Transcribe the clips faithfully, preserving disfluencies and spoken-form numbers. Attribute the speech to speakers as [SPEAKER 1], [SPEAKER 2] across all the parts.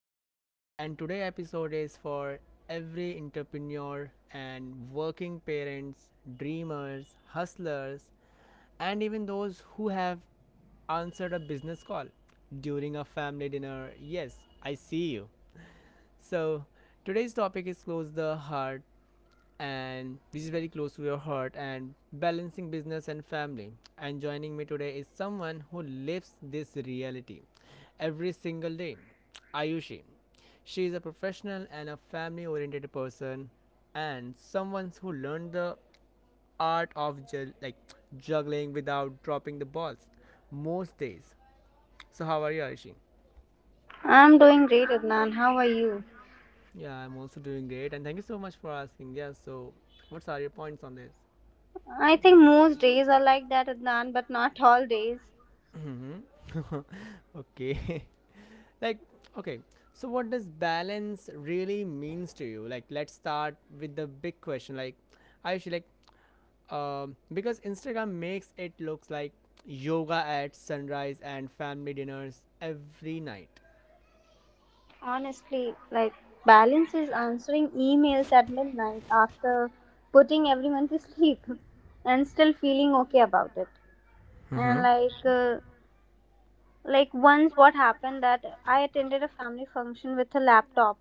[SPEAKER 1] Adnan, and today episode is for every entrepreneur and working parents, dreamers, hustlers, and even those who have answered a business call during a family dinner. Yes, I see you. So, Today's topic is close the heart and which is very close to your heart and balancing business and family and joining me today is someone who lives this reality every single day. Ayushi, she is a professional and a family oriented person and someone who learned the art of ju- like juggling without dropping the balls most days. So how are you, Ayushi?
[SPEAKER 2] I'm doing great, Adnan. How are you?
[SPEAKER 1] Yeah, I'm also doing great and thank you so much for asking. Yeah, so what are your points on this?
[SPEAKER 2] I think most days are like that, Adnan, but not all days.
[SPEAKER 1] Mhm. Okay. like okay. So what does balance really means to you? Like let's start with the big question. Like I should like um because Instagram makes it looks like yoga at sunrise and family dinners every night.
[SPEAKER 2] Honestly, like, balance is answering emails at midnight after putting everyone to sleep and still feeling okay about it. And,
[SPEAKER 1] Mm-hmm.
[SPEAKER 2] like, uh, Like once what happened that I attended a family function with a laptop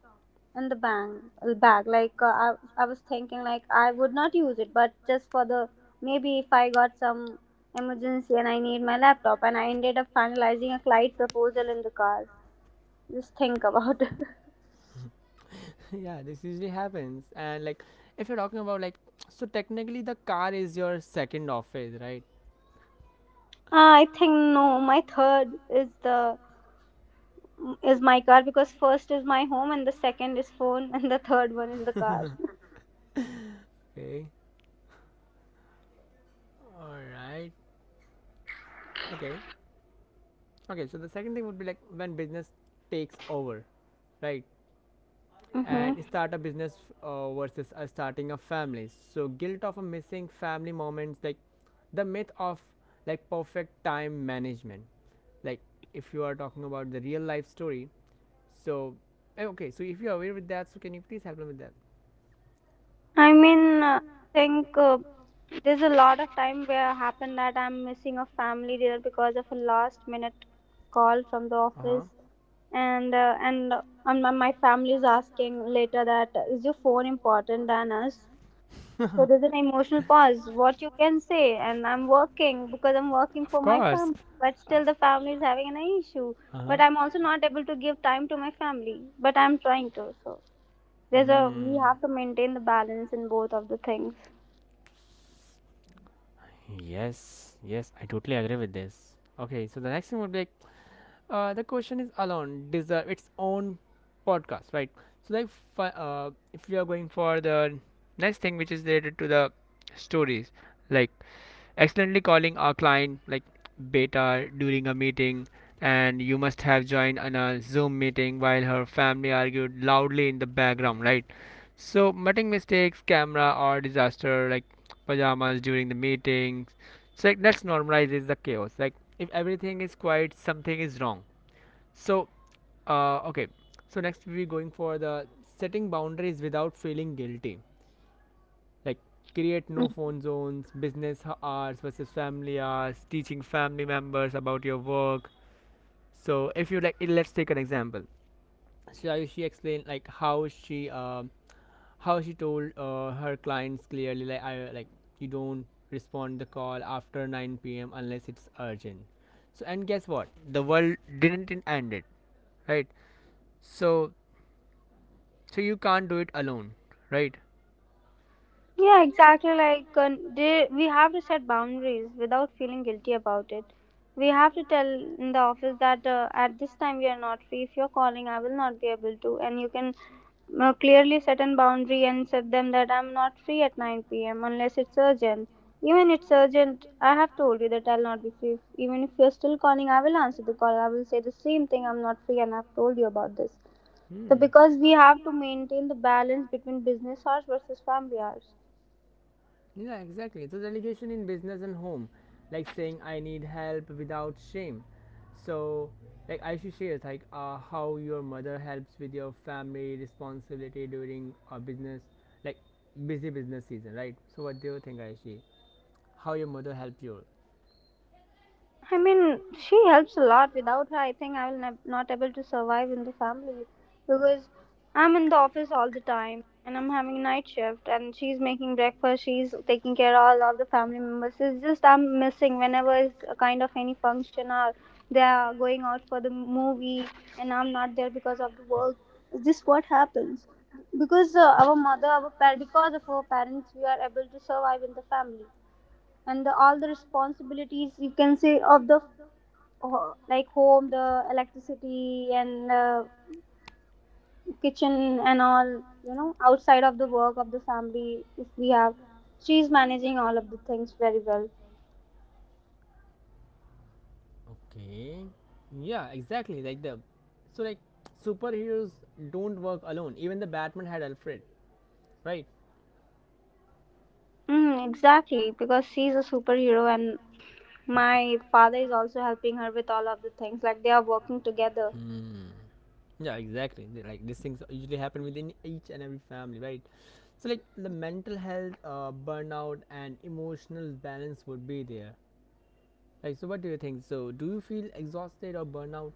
[SPEAKER 2] in the bang bag. Like uh, I, I was thinking like I would not use it, but just for the maybe if I got some emergency and I need my laptop, and I ended up finalizing a client proposal in the car. Just think about it.
[SPEAKER 1] Yeah, this usually happens. And like if you're talking about like so technically the car is your second office, right?
[SPEAKER 2] I think no. My third is the is my car because first is my home and the second is phone and the third one is the car.
[SPEAKER 1] Third. Okay, all right okay, okay. So the second thing would be like when business takes over, right,
[SPEAKER 2] hmm
[SPEAKER 1] and start a business, uh, versus a starting a family. So guilt of a missing family moments, like the myth of like perfect time management, like if you are talking about the real life story. So eh, okay, so if you're aware with that, so can you please help me with that?
[SPEAKER 2] I mean, uh, I think uh, there's a lot of time where happened that I'm missing a family dinner because of a last minute call from the
[SPEAKER 1] Uh-huh.
[SPEAKER 2] office, and uh, and uh, and my my family is asking later that uh, is your phone important than us? So there's an emotional pause. What you can say, and I'm working because I'm working
[SPEAKER 1] Of
[SPEAKER 2] for my
[SPEAKER 1] course.
[SPEAKER 2] family, but still the family is having an issue.
[SPEAKER 1] Uh-huh.
[SPEAKER 2] But I'm also not able to give time to my family, but I'm trying to. So there's a we
[SPEAKER 1] Mm.
[SPEAKER 2] have to maintain the balance in both of the things.
[SPEAKER 1] Yes, yes, I totally agree with this. Okay, so the next thing would be like, Uh, the question is alone deserve its own podcast, right? So like, fi- uh, if we are going for the next thing which is related to the stories, like accidentally calling our client like beta during a meeting, and you must have joined on a Zoom meeting while her family argued loudly in the background, right? So muting mistakes, camera or disaster like pajamas during the meetings. So like, let's normalize is the chaos. Like if everything is quiet, something is wrong. so, uh, okay. So next we're going for the setting boundaries without feeling guilty. Like create
[SPEAKER 2] Mm.
[SPEAKER 1] no phone zones, business h- hours versus family hours, teaching family members about your work. So if you like, let's take an example. So Ayushi explained like how she um how she told uh, her clients clearly like I like you don't respond the call after nine p m unless it's urgent. So and guess what? The world didn't end it, right? So, so you can't do it alone, right?
[SPEAKER 2] Yeah, exactly. Like uh, they, we have to set boundaries without feeling guilty about it. We have to tell in the office that uh, at this time you are not free. If you're calling, I will not be able to. And you can uh, clearly set an boundary and set them that I'm not free at nine p m unless it's urgent. Even it's urgent, I have told you that I'll not be free. Even if you're still calling, I will answer the call. I will say the same thing. I'm not free, and I've told you about this. So
[SPEAKER 1] Hmm.
[SPEAKER 2] because we have to maintain the balance between business hours versus family hours.
[SPEAKER 1] Yeah, exactly. So delegation in business and home, like saying I need help without shame. So like Aishu shares, like uh, how your mother helps with your family responsibility during a business like busy business season, right? So what do you think, Aishu? How your mother helped you?
[SPEAKER 2] I mean, she helps a lot. Without her, I think I will ne- not able to survive in the family because I'm in the office all the time and I'm having a night shift and she's making breakfast. She's taking care of all of the family members. It's just I'm missing whenever it's a kind of any function or they are going out for the movie and I'm not there because of the work. It's just what happens because uh, our mother, our par- because of our parents, we are able to survive in the family and the, all the responsibilities you can say of the ho- like home, the electricity, and uh, kitchen, and all, you know, outside of the work of the family, if we have, she's managing all of the things very well.
[SPEAKER 1] Okay. Yeah, exactly. Like the so like superheroes don't work alone. Even the Batman had Alfred, right?
[SPEAKER 2] Mm, exactly, because she's a superhero and my father is also helping her with all of the things, like they are working together.
[SPEAKER 1] Hmm. Yeah, exactly. They- Like these things usually happen within each and every family, right? So like the mental health, uh, burnout, and emotional balance would be there. Like, so what do you think? So, do you feel exhausted or burnout?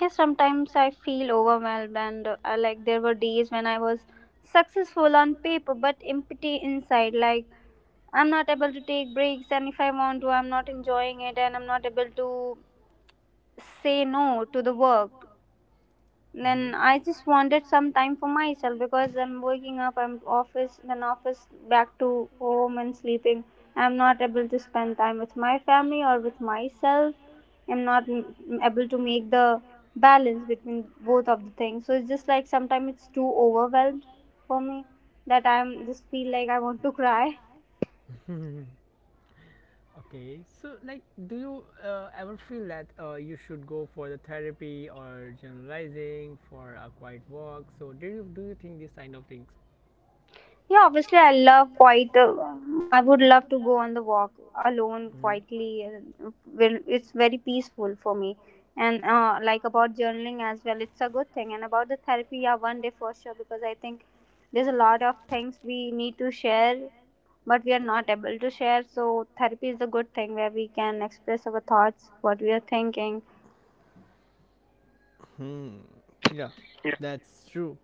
[SPEAKER 2] Yes, sometimes I feel overwhelmed and uh, I- like there were days when I was successful on paper but empty inside. Like I'm not able to take breaks, and if I want to, I'm not enjoying it, and I'm not able to say no to the work.
[SPEAKER 1] Mm-hmm.
[SPEAKER 2] Then I just wanted some time for myself because I'm waking up, I'm office, then office, back to home and sleeping. I'm not able to spend time with my family or with myself. I'm not m- able to make the balance between both of the things. So it's just like sometimes it's too overwhelmed for me that I'm just feel like I want to cry.
[SPEAKER 1] Okay, so like, do you uh, ever feel that uh, you should go for the therapy or generalizing for a quiet walk? So, do you do you think these kind of things?
[SPEAKER 2] Yeah, obviously, I love quite. Uh, um, I would love to go on the walk alone quietly. uh, Will it's very peaceful for me. And uh, Like about journaling as well, it's a good thing. And about the therapy, yeah, one day for sure because I think there's a lot of things we need to share, but we are not able to share. So therapy is a good thing where we can express our thoughts, what we are thinking.
[SPEAKER 1] Hmm. Yeah, that's true.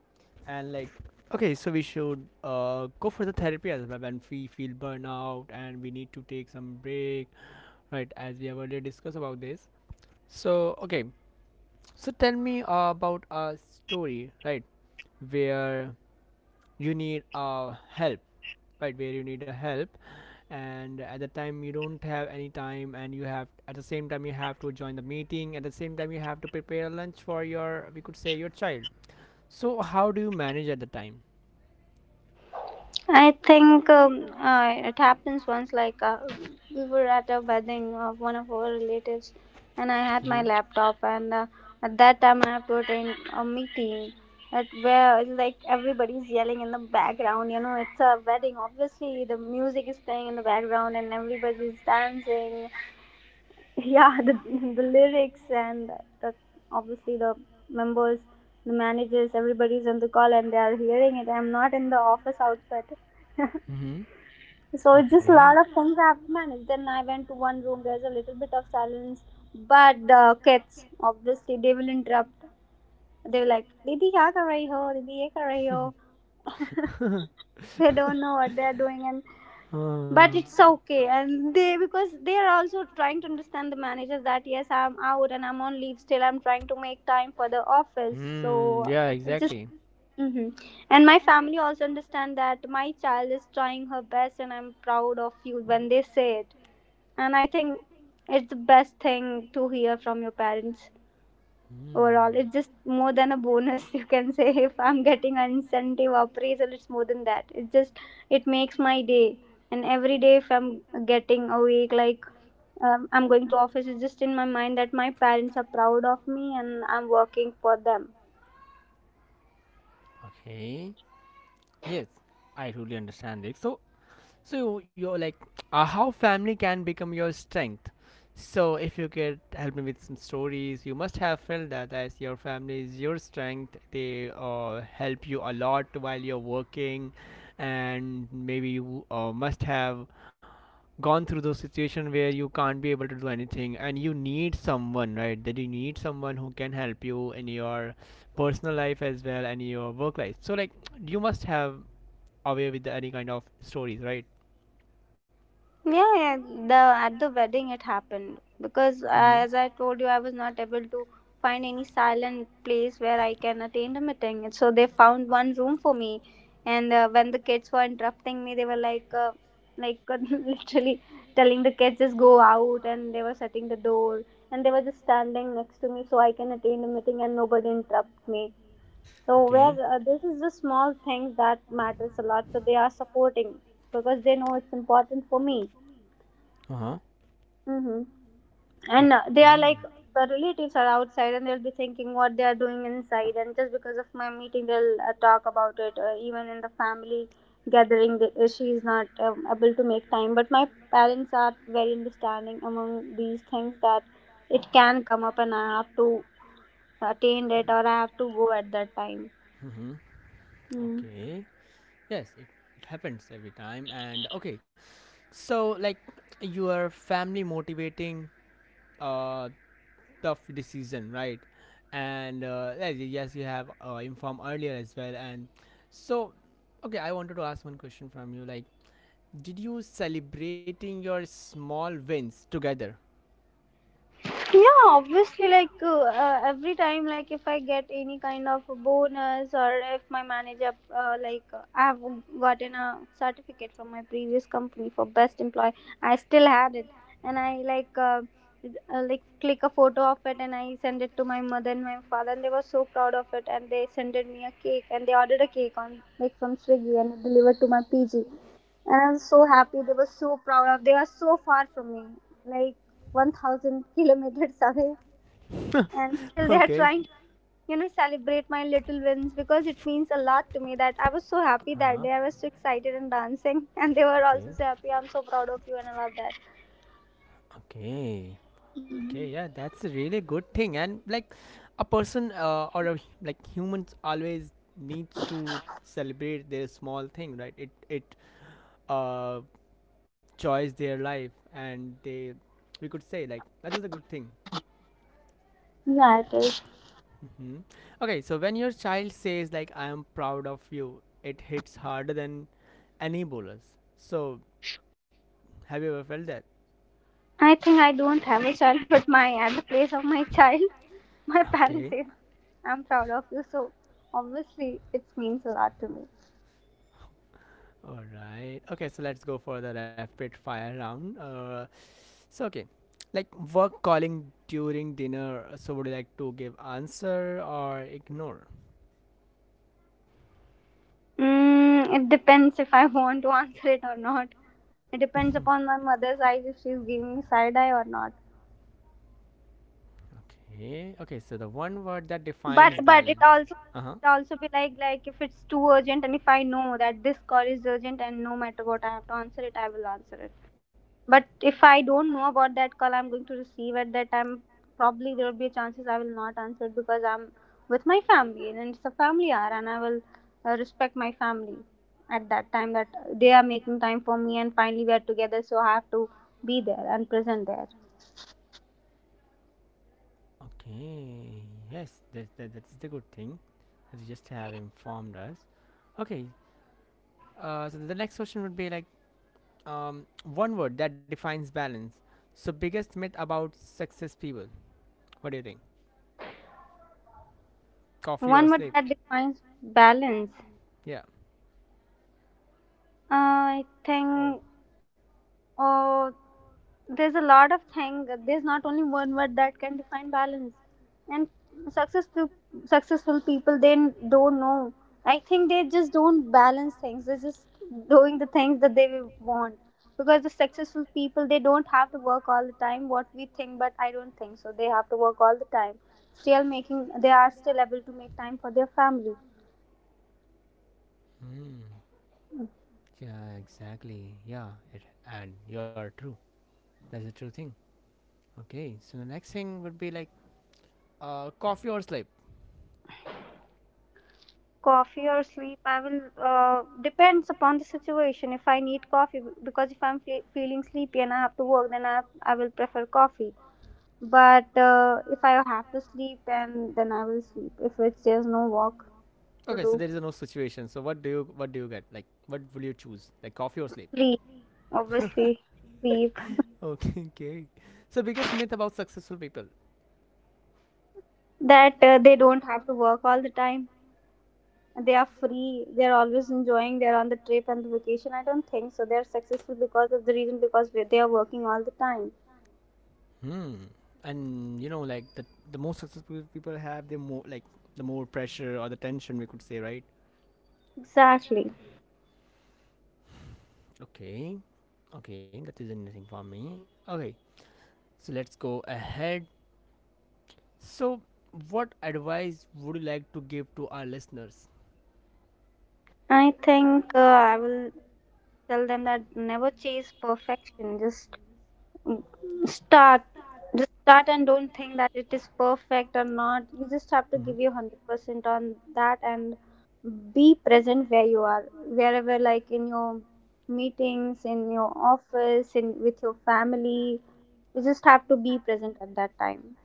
[SPEAKER 1] And like, okay, so we should uh, go for the therapy as well when we feel burnout and we need to take some break, right? As we have already discussed about this. So okay, so tell me uh, about a story, right, where you need a help right where you need a help and at the time you don't have any time and you have at the same time you have to join the meeting at the same time you have to prepare lunch for your we could say your child. So how do you manage at the time?
[SPEAKER 2] I think um, uh, It happens once. Like uh, we were at a wedding of one of our relatives, and I had my
[SPEAKER 1] Mm-hmm.
[SPEAKER 2] laptop, and uh, at that time I have to attend a meeting. At where like everybody's yelling in the background, you know, it's a wedding. Obviously, the music is playing in the background, and everybody's dancing. Yeah, the the lyrics and the obviously the members, the managers, everybody's on the call, and they are hearing it. I'm not in the office outfit.
[SPEAKER 1] Mm-hmm.
[SPEAKER 2] So it's just a
[SPEAKER 1] Okay.
[SPEAKER 2] lot of things I have to manage. Then I went to one room. There's a little bit of silence, but the kids obviously they will interrupt. They were like, "Didi, क्या कर रही हो? Didi, ये कर रही हो?" They don't know what they are doing, and
[SPEAKER 1] Uh,
[SPEAKER 2] but it's okay. And they because they are also trying to understand the managers that yes, I'm out and I'm on leave. Still, I'm trying to make time for the office.
[SPEAKER 1] hmm.
[SPEAKER 2] So
[SPEAKER 1] Yeah.
[SPEAKER 2] it's just.
[SPEAKER 1] Exactly. Just,
[SPEAKER 2] Hmm. And my family also understand that my child is trying her best, and I'm proud of you when they say it, and I think it's the best thing to hear from your parents.
[SPEAKER 1] hmm.
[SPEAKER 2] Overall, it's just more than a bonus. You can say if I'm getting an incentive appraisal, it's more than that. It's just it makes my day. And every day if I'm getting awake, like um, I'm going to office, it's just in my mind that my parents are proud of me and I'm working for them.
[SPEAKER 1] Okay. Yes, I totally understand it. So, so you're like, uh, how family can become your strength. So if you could help me with some stories, you must have felt that as your family is your strength. They uh, help you a lot while you're working, and maybe you uh, must have gone through those situations where you can't be able to do anything, and you need someone, right? That you need someone who can help you in your personal life as well and your work life. So like, you must have away with any kind of stories, right?
[SPEAKER 2] Yeah, yeah, the at the wedding it happened because uh,
[SPEAKER 1] Mm-hmm.
[SPEAKER 2] as I told you, I was not able to find any silent place where I can attend a meeting, and so they found one room for me. And uh, When the kids were interrupting me, they were like, uh, like literally telling the kids just go out, and they were shutting the door, and they were just standing next to me so I can attend a meeting and nobody interrupt me. So
[SPEAKER 1] Okay.
[SPEAKER 2] where uh, this is the small things that matters a lot. So they are supporting because they know it's important for me.
[SPEAKER 1] Huh?
[SPEAKER 2] Hmm. And
[SPEAKER 1] Oh.
[SPEAKER 2] uh, They are like the relatives are outside, and they'll be thinking what they are doing inside. And just because of my meeting, they'll uh, talk about it. Uh, even in the family gathering, the, uh, she is not um, able to make time. But my parents are very understanding among these things that it can come up, and I have to attend it or I have to go at that time.
[SPEAKER 1] Mm-hmm. Okay. Yes, it, it happens every time. And okay, so like your family motivating uh tough decision, right? And uh, yes, y- yes, you have uh, informed earlier as well. And so, okay, I wanted to ask one question from you. Like, did you celebrating your small wins together?
[SPEAKER 2] Yeah, obviously like uh, uh, every time like if I get any kind of a bonus or if my manager, uh, like uh, I have gotten a certificate from my previous company for best employee. I still had it, and I like uh, uh, like click a photo of it and I send it to my mother and my father and they were so proud of it and they sent me a cake and they ordered a cake on like from Swiggy and it delivered to my PG and I'm so happy. They were so proud of. They are so far from me, like one thousand kilometers away, and still they are
[SPEAKER 1] Okay.
[SPEAKER 2] trying to, you know, celebrate my little wins because it means a lot to me. That I was so happy that
[SPEAKER 1] Uh-huh.
[SPEAKER 2] day. I was so excited and dancing, and they were also
[SPEAKER 1] Okay.
[SPEAKER 2] so happy. I'm so proud of you, and I love that.
[SPEAKER 1] Okay.
[SPEAKER 2] Mhm.
[SPEAKER 1] Okay. Yeah, that's a really good thing. And like, a person uh, or a, hu- like humans always needs to celebrate their small thing, right? It it uh joys their life, and they we could say like that is a good thing.
[SPEAKER 2] Yeah, it is.
[SPEAKER 1] Hmm. Okay, so when your child says like I am proud of you, it hits harder than any bonus. So have you ever felt that?
[SPEAKER 2] I think I don't have a child, but my at the place of my child, my parents
[SPEAKER 1] Okay.
[SPEAKER 2] say, I'm proud of you. So obviously, it means a lot to me.
[SPEAKER 1] All right. Okay, so let's go for the rapid fire round. Uh, so okay, like work calling during dinner. uh, So would you like to give answer or ignore?
[SPEAKER 2] Mm, it depends if I want to answer it or not. It depends upon my mother's eyes if she's giving me side eye or not.
[SPEAKER 1] Okay. Okay, so the one word that
[SPEAKER 2] But
[SPEAKER 1] defines
[SPEAKER 2] but it
[SPEAKER 1] balance.
[SPEAKER 2] also
[SPEAKER 1] Uh-huh.
[SPEAKER 2] it also be like like if it's too urgent and if I know that this call is urgent and no matter what I have to answer it, I will answer it. But if I don't know about that call I'm going to receive at that time, probably there will be chances I will not answer it because I'm with my family and it's a family hour and I will uh, respect my family at that time that they are making time for me and finally we are together so I have to be there and present there.
[SPEAKER 1] Okay, yes, that, that, that's the good thing that you just have informed us. Okay, uh, so the next question would be like um, one word that defines balance. So, biggest myth about success people. What do you think? Coffee or
[SPEAKER 2] One word
[SPEAKER 1] sleep?
[SPEAKER 2] that defines balance.
[SPEAKER 1] Yeah.
[SPEAKER 2] Uh, I
[SPEAKER 1] Oh.
[SPEAKER 2] think Oh, there's a lot of thing. There's not only one word that can define balance. And successful successful people they don't know. I think they just don't balance things. They're just doing the things that they want. Because the successful people they don't have to work all the time. What we think, but I don't think so. They have to work all the time. Still making they are still able to make time for their family.
[SPEAKER 1] Hmm. Yeah, exactly. Yeah, it, and you are true. That's a true thing. Okay, so the next thing would be like uh, coffee or sleep.
[SPEAKER 2] Coffee or sleep? I will, uh, depends upon the situation. If I need coffee, because if I'm fe- feeling sleepy and I have to work, then i, I will prefer coffee. But uh, if I have to sleep, then then I will sleep if it's there's no work to
[SPEAKER 1] Okay, so
[SPEAKER 2] do.
[SPEAKER 1] there is no situation. So what do you what do you get? Like what will you choose? Like coffee or sleep?
[SPEAKER 2] Sleep, obviously. Sleep.
[SPEAKER 1] Okay, okay. So biggest myth about successful people.
[SPEAKER 2] That uh, they don't have to work all the time, they are free, they're always enjoying, they're on the trip and the vacation. I don't think so. They're successful because of the reason, because they they are working all the time.
[SPEAKER 1] Hmm. And you know, like the the more successful people have, the more like the more pressure or the tension we could say, right?
[SPEAKER 2] Exactly.
[SPEAKER 1] Okay. Okay, that is anything for me. Okay. So let's go ahead. So what advice would you like to give to our listeners?
[SPEAKER 2] I think uh, I will tell them that never chase perfection. Just mm, start. Just start and don't think that it is perfect or not. You just have to
[SPEAKER 1] Mhm.
[SPEAKER 2] give your one hundred percent on that and be present where you are. Wherever, like in your meetings, in your office, in with your family, you just have to be present at that time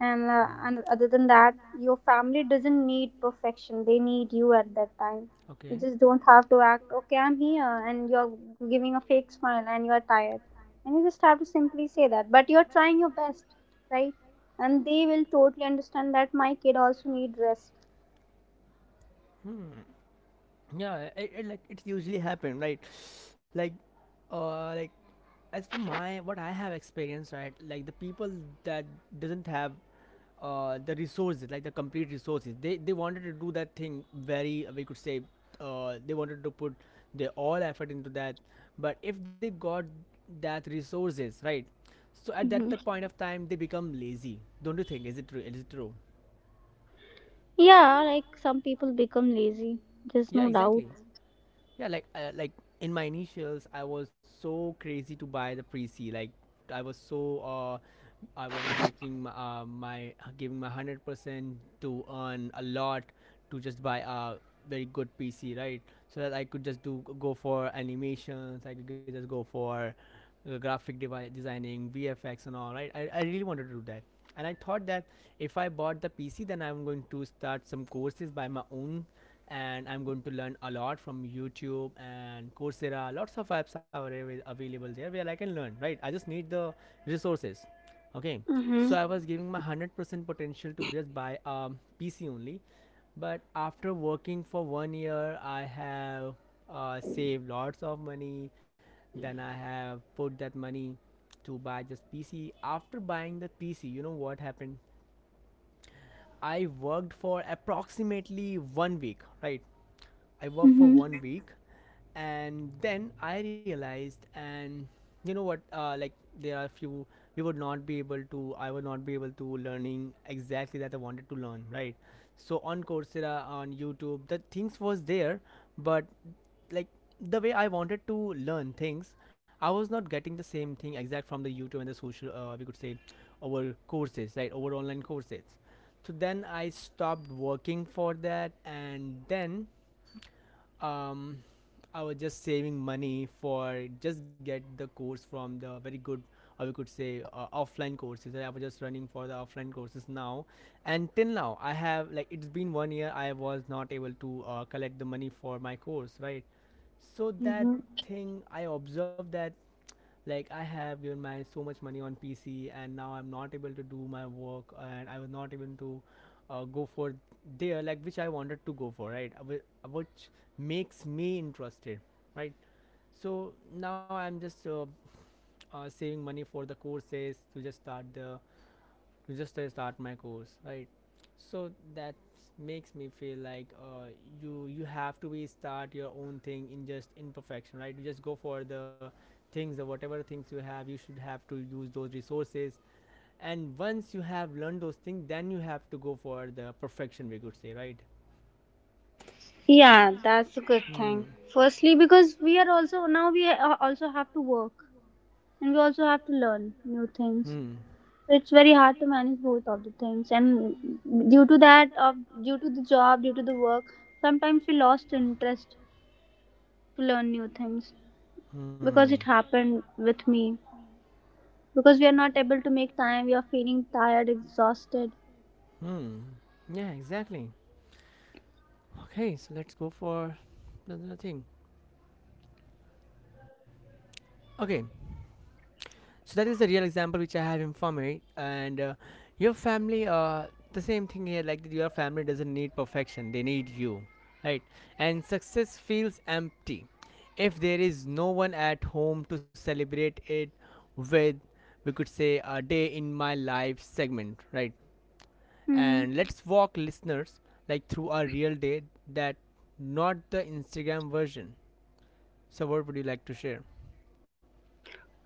[SPEAKER 2] and, uh, and other than that, your family doesn't need perfection, they need you at that time. You
[SPEAKER 1] Okay.
[SPEAKER 2] just don't have to act okay, I'm here, and you're giving a fake smile and you're tired, and you just have to simply say that, but you're trying your best, right? And they will totally understand that my kid also need rest.
[SPEAKER 1] Hmm. yeah it, it, like it's usually happen, right? Like uh like as for my what I have experienced, right, like the people that doesn't have uh the resources, like the complete resources, they they wanted to do that thing very uh, we could say uh they wanted to put their all effort into that, but if they got that resources, right, so at that the
[SPEAKER 2] Hmm.
[SPEAKER 1] point of time they become lazy. Don't you think is it true is it true
[SPEAKER 2] Yeah, like some people become lazy. There's
[SPEAKER 1] Yeah,
[SPEAKER 2] no doubt.
[SPEAKER 1] exactly. Yeah, like uh, like in my initials, I was so crazy to buy the pre-C. Like I was so uh, I was making my, uh, my giving my hundred percent to earn a lot to just buy a very good P C, right? So that I could just do go for animations. I could just go for uh, graphic devi- designing, V F X, and all. Right? I I really wanted to do that, and I thought that if I bought the P C, then I'm going to start some courses by my own and I'm going to learn a lot from YouTube and Coursera. Lots of apps are available there where I can learn, right? I just need the resources. Okay,
[SPEAKER 2] Mm-hmm.
[SPEAKER 1] so I was giving my one hundred percent potential to just buy a P C only, but after working for one year, I have uh, saved lots of money. Then I have put that money to buy just P C. After buying the P C, you know what happened? I worked for approximately one week, right? I worked for
[SPEAKER 2] Mm-hmm.
[SPEAKER 1] one week, and then I realized, and you know what? Uh, like there are a few we would not be able to. I would not be able to learning exactly that I wanted to learn. Right. So on Coursera, on YouTube, the things was there, but like the way I wanted to learn things, I was not getting the same thing exact from the YouTube and the social. Uh, we could say over courses, right? Over online courses. So then I stopped working for that and then um, I was just saving money for just get the course from the very good or we could say uh, offline courses. I was just running for the offline courses now, and till now I have like it's been one year. I was not able to uh, collect the money for my course, right? So that
[SPEAKER 2] Mm-hmm.
[SPEAKER 1] thing I observed that like I have given my so much money on P C, and now I'm not able to do my work, and I was not able to uh, go for there like which I wanted to go for, right? Whi- which makes me interested, right? So now I'm just uh, uh, saving money for the courses to just start the to just uh, start my course, right? So that makes me feel like uh, you you have to be start your own thing in just imperfection, right? You just go for the things or whatever things you have, you should have to use those resources. And once you have learned those things, then you have to go for the perfection, we could say, right?
[SPEAKER 2] Yeah, that's a good thing.
[SPEAKER 1] Hmm.
[SPEAKER 2] Firstly, because we are also now we uh, also have to work, and we also have to learn new things,
[SPEAKER 1] Hmm.
[SPEAKER 2] so it's very hard to manage both of the things, and due to that of due to the job, due to the work, sometimes we lost interest to learn new things,
[SPEAKER 1] Hmm.
[SPEAKER 2] because it happened with me, because we are not able to make time, we are feeling tired, exhausted.
[SPEAKER 1] Hmm, yeah, exactly. Okay, so let's go for another thing. Okay, so that is the real example which I have in for me, and uh, your family. Uh, the same thing here. Like your family doesn't need perfection; they need you, right? And success feels empty if there is no one at home to celebrate it with. We could say a day in my life segment, right?
[SPEAKER 2] Hmm.
[SPEAKER 1] And let's walk listeners like through a real day that not the Instagram version. So, what would you like to share?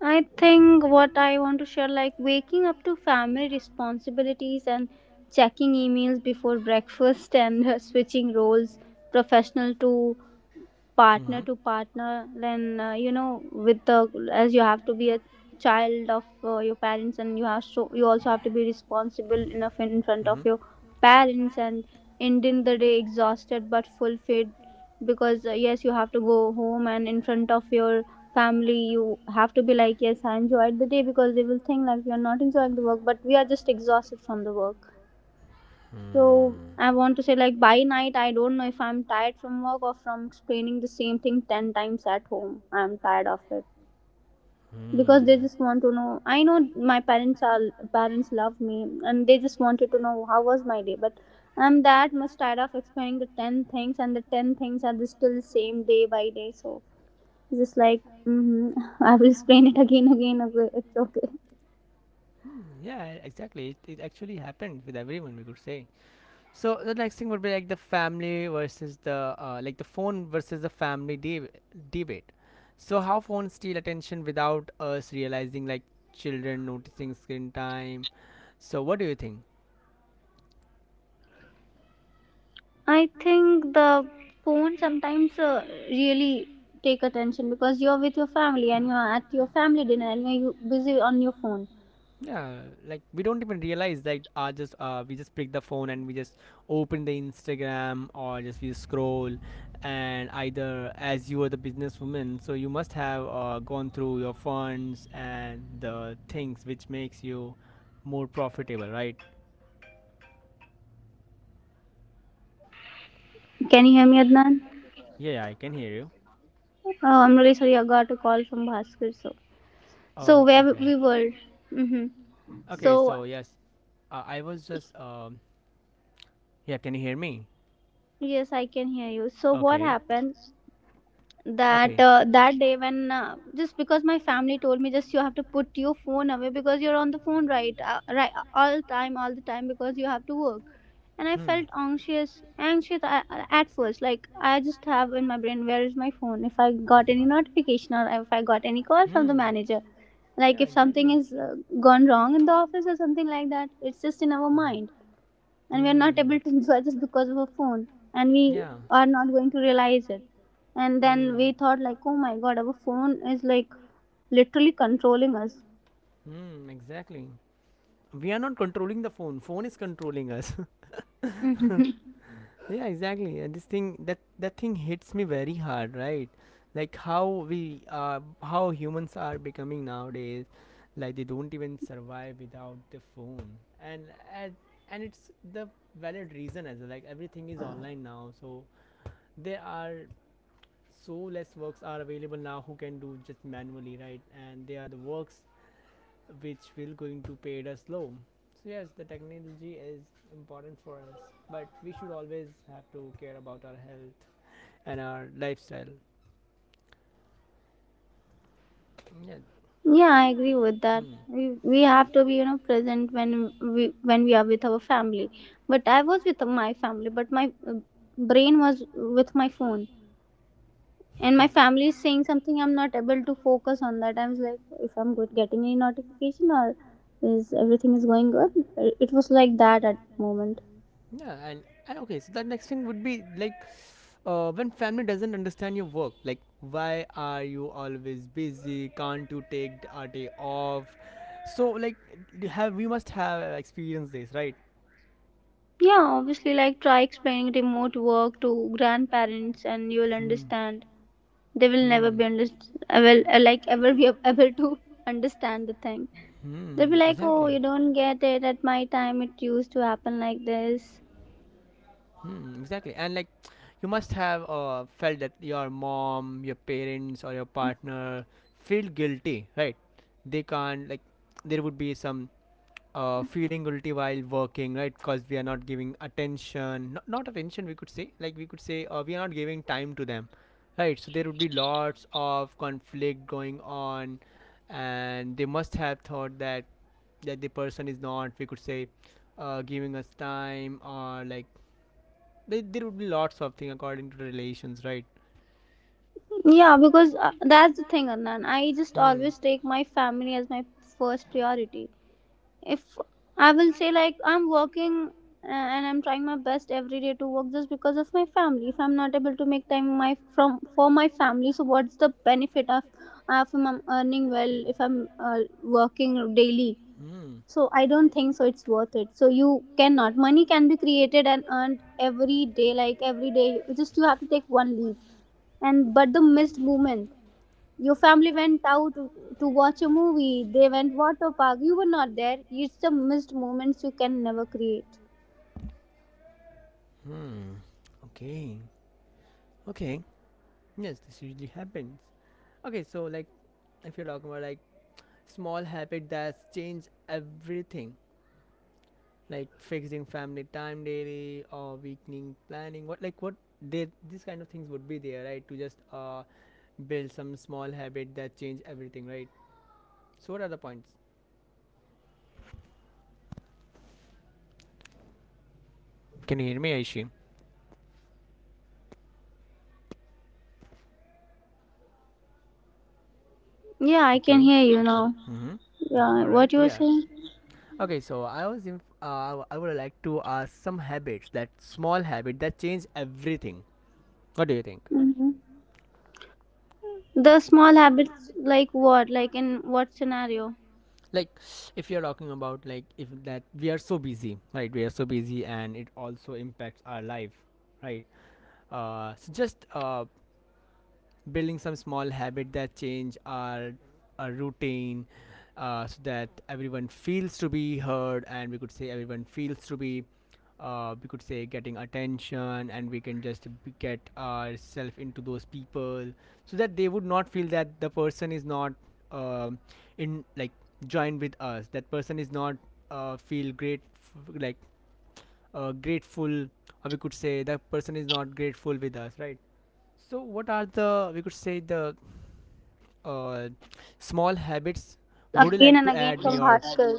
[SPEAKER 2] I think what I want to share, like waking up to family responsibilities and checking emails before breakfast, and uh, switching roles, professional to partner
[SPEAKER 1] Mhm.
[SPEAKER 2] to partner then uh, you know with the, as you have to be a child of uh, your parents, and you have so you also have to be responsible enough in front
[SPEAKER 1] Mhm.
[SPEAKER 2] of your parents, and ending the day exhausted but fulfilled, because uh, yes, you have to go home, and in front of your family you have to be like yes, I enjoyed the day, because they will think like we are not enjoying the work but we are just exhausted from the work. So I want to say, like by night I don't know if I'm tired from work or from explaining the same thing ten times at home. I'm tired of it, because they just want to know. I know my parents are parents love me, and they just wanted to know how was my day, but I'm that much tired of explaining the ten things, and the ten things are the still the same day by day. So just like mm-hmm, I will explain it again again, okay, it's okay.
[SPEAKER 1] Hmm, yeah, e-, exactly. It, it actually happened with everyone, we could say. So the next thing would be like the family versus the uh, like the phone versus the family deb- debate. So how phones steal attention without us realizing, like children noticing screen time. So what do you think?
[SPEAKER 2] I think the phone sometimes uh, really take attention, because you're with your family and you're at your family dinner and you're busy on your phone.
[SPEAKER 1] Yeah, like we don't even realize that uh just uh we just pick the phone and we just open the Instagram or just we scroll, and either as you are the businesswoman, so you must have uh, gone through your funds and the things which makes you more profitable, right?
[SPEAKER 3] Can you hear me, Adnan?
[SPEAKER 1] Yeah, yeah, I can hear you.
[SPEAKER 3] Oh, I'm really sorry. I got a call from Bhaskar. So, so
[SPEAKER 1] Oh,
[SPEAKER 3] where
[SPEAKER 1] okay.
[SPEAKER 3] w- we were. hmm
[SPEAKER 1] Okay,
[SPEAKER 3] So
[SPEAKER 1] so yes, uh, I was just um yeah, can you hear me?
[SPEAKER 3] yes, I can hear you. So what
[SPEAKER 1] Okay.
[SPEAKER 3] happened that
[SPEAKER 1] Okay.
[SPEAKER 3] uh, that day when uh, just because my family told me just you have to put your phone away because you're on the phone right uh, right all time all the time because you have to work, and I
[SPEAKER 1] Hmm.
[SPEAKER 3] felt anxious anxious a- a- at first, like I just have in my brain, where is my phone, if I got any notification or if I got any call from the manager, like
[SPEAKER 1] Yeah.
[SPEAKER 3] if something is uh,
[SPEAKER 1] we're
[SPEAKER 3] gone wrong in the office or something like that. It's just in our mind and we are not
[SPEAKER 1] Hmm.
[SPEAKER 3] able to enjoy just because of a phone, and we are not going to realize it. And then we thought, like, oh my god, our phone is like literally controlling us.
[SPEAKER 1] Hmm. Exactly. We are not controlling the phone phone is controlling us.
[SPEAKER 3] hmm
[SPEAKER 1] Yeah, exactly. And this thing that that thing hits me very hard, right? Like how we uh, how humans are becoming nowadays, like they don't even survive without the phone. And and, and it's the valid reason as well, like everything is online now, so there are so less works are available now who can do just manually, right? And they are the works which will going to pay us low. So yes, the technology is important for us, but we should always have to care about our health and our lifestyle. Yeah.
[SPEAKER 3] yeah, I agree with that.
[SPEAKER 1] Hmm.
[SPEAKER 3] We, we have to be, you know present when we when we are with our family. But I was with my family, but my uh, brain was with my phone, and my family is saying something, I'm not able to focus on that. I was like, if I'm good getting any notification, or is everything is going good? It was like that at moment.
[SPEAKER 1] Yeah, and, and okay, so the next thing would be like uh, when family doesn't understand your work, like why are you always busy, can't you take a day off? So like d- have we must have experienced this, right?
[SPEAKER 3] Yeah, obviously, like try explaining remote work to grandparents and you'll
[SPEAKER 1] Will. Hmm.
[SPEAKER 3] understand. They will never
[SPEAKER 1] Hmm.
[SPEAKER 3] be underst- uh, well uh, like ever be ab- able to understand the thing. They'll be
[SPEAKER 1] Hmm. They'll be like,
[SPEAKER 3] like, oh,
[SPEAKER 1] exactly.
[SPEAKER 3] you don't get it, at my time it used to happen like this.
[SPEAKER 1] Hmm, exactly. And like you must have uh, felt that your mom, your parents or your partner feel guilty, right? They can't like there would be some uh, feeling guilty while working, right? Because we are not giving attention, not, not attention, we could say, like we could say, uh, we are not giving time to them, right? So there would be lots of conflict going on, and they must have thought that that the person is not, we could say, uh, giving us time or like there, there would be lots of things according to the relations, right?
[SPEAKER 3] Yeah, because uh, that's the thing, Anand. I just
[SPEAKER 1] Hmm.
[SPEAKER 3] always take my family as my first priority. If I will say, like, I'm working uh, and I'm trying my best every day to work just because of my family. If I'm not able to make time my from for my family, so what's the benefit of uh, if I'm earning well, if I'm uh, working daily?
[SPEAKER 1] Hmm.
[SPEAKER 3] So I don't think so, it's worth it. So you cannot. Money can be created and earned every day, like every day. Just you have to take one leave, and but the missed moment, your family went out to watch a movie, they went water park, you were not there. It's the missed moments you can never create.
[SPEAKER 1] Hmm. Okay. Okay. Yes, this usually happens. Okay, so like if you're talking about like small habit that's changed everything. Like fixing family time daily or weekly planning. What like what they these kind of things would be there, right? To just uh build some small habit that change everything, right? So what are the points? Can you hear me, Aishi? Yeah,
[SPEAKER 3] Yeah, I can
[SPEAKER 1] okay.
[SPEAKER 3] hear you now.
[SPEAKER 1] Mm-hmm.
[SPEAKER 3] Yeah,
[SPEAKER 1] All right.
[SPEAKER 3] what you were
[SPEAKER 1] Yeah.
[SPEAKER 3] saying?
[SPEAKER 1] Okay. So I was in. Uh, I would like to ask some habits that small habit that change everything. What do you think?
[SPEAKER 3] hmm the small habits, like what, like in what scenario?
[SPEAKER 1] Like, if you're talking about like if that we are so busy, right? We are so busy, and it also impacts our life, right? Uh, so just uh, building some small habit that change our, our routine uh, so that everyone feels to be heard, and we could say everyone feels to be uh, we could say getting attention, and we can just b- get ourselves into those people, so that they would not feel that the person is not um in like joined with us, that person is not uh, feel great f- like uh, grateful, or we could say that person is not grateful with us, right? So, what are the we could say the uh, small habits would you
[SPEAKER 3] Again
[SPEAKER 1] like
[SPEAKER 3] and
[SPEAKER 1] to
[SPEAKER 3] again
[SPEAKER 1] add in
[SPEAKER 3] from
[SPEAKER 1] your?
[SPEAKER 3] Bhaskar.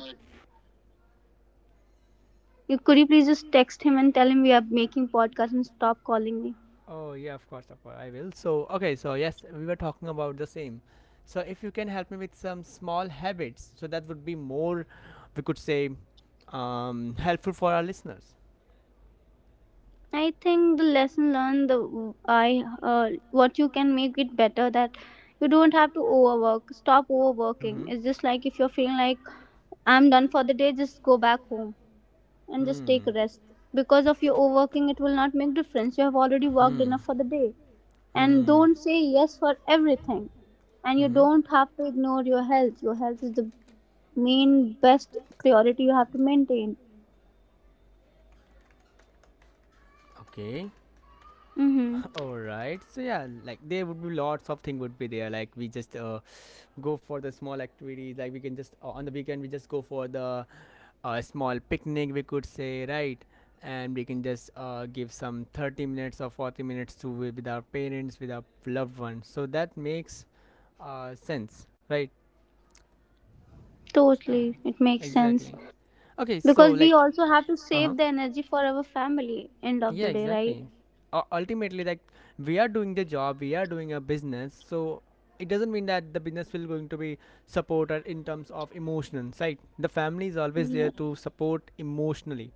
[SPEAKER 3] You, could you please just text him and tell him we are making podcast and stop calling me?
[SPEAKER 1] Oh yeah, of course, of course, I will. So okay, so yes, we were talking about the same. So if you can help me with some small habits, so that would be more, we could say, um, helpful for our listeners.
[SPEAKER 3] I think the lesson learned, the I uh, what you can make it better, that you don't have to overwork. Stop
[SPEAKER 1] Mm-hmm.
[SPEAKER 3] overworking. It's just like if you're feeling like I'm done for the day, just go back home and just take
[SPEAKER 1] Hmm.
[SPEAKER 3] a rest. Because of your overworking, it will not make difference. You have already worked
[SPEAKER 1] Hmm.
[SPEAKER 3] enough for the day, and
[SPEAKER 1] Hmm.
[SPEAKER 3] don't say yes for everything. And
[SPEAKER 1] Hmm.
[SPEAKER 3] you
[SPEAKER 1] Hmm.
[SPEAKER 3] don't have to ignore your health. Your health is the main best priority you have to maintain.
[SPEAKER 1] Okay.
[SPEAKER 3] Mm-hmm.
[SPEAKER 1] All right. So yeah, like there would be lots of thing would be there. Like we just uh, go for the small activities. Like we can just uh, on the weekend we just go for the uh, small picnic. We could say right, and we can just uh, give some thirty minutes or forty minutes to wi- with our parents, with our loved ones. So that makes uh, sense, right?
[SPEAKER 3] Totally, it makes sense,
[SPEAKER 1] Exactly. Okay. So
[SPEAKER 3] because
[SPEAKER 1] like,
[SPEAKER 3] we also have to
[SPEAKER 1] uh huh.
[SPEAKER 3] save the energy for our family. End of
[SPEAKER 1] Yeah,
[SPEAKER 3] the day, right?
[SPEAKER 1] exactly. Uh, ultimately, like we are doing the job, we are doing a business, so it doesn't mean that the business will going to be supported in terms of emotional, right? The family is always
[SPEAKER 3] Yeah.
[SPEAKER 1] there to support emotionally,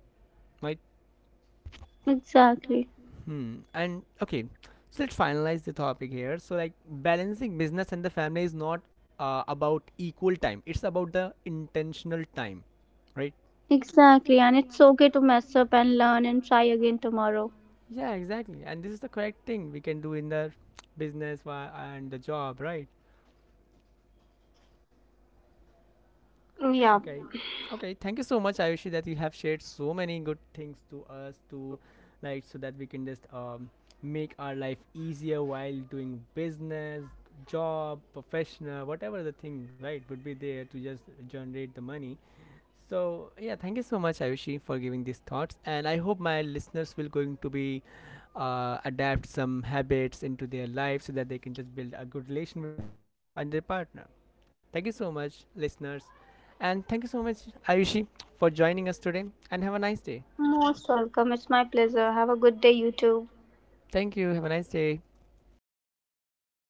[SPEAKER 1] right?
[SPEAKER 3] Exactly,
[SPEAKER 1] Hmm. And okay, so let's finalize the topic here, so like balancing business and the family is not uh, about equal time, it's about the intentional time, right?
[SPEAKER 3] exactly, and it's okay to mess up and learn and try again tomorrow.
[SPEAKER 1] Yeah, exactly, and this is the correct thing we can do in the business wa- and the job, right?
[SPEAKER 3] Yeah.
[SPEAKER 1] Okay. Okay. Thank you so much, Ayushi, that you have shared so many good things to us to like so that we can just um make our life easier while doing business, job, professional, whatever the thing, right, would be there to just generate the money. So yeah, thank you so much, Ayushi, for giving these thoughts, and I hope my listeners will going to be uh, adapt some habits into their life so that they can just build a good relation with family and their partner. Thank you so much, listeners, and thank you so much, Ayushi, for joining us today. And have a nice day.
[SPEAKER 3] Most welcome, it's my pleasure. Have a good day, you too.
[SPEAKER 1] Thank you. Have a nice day.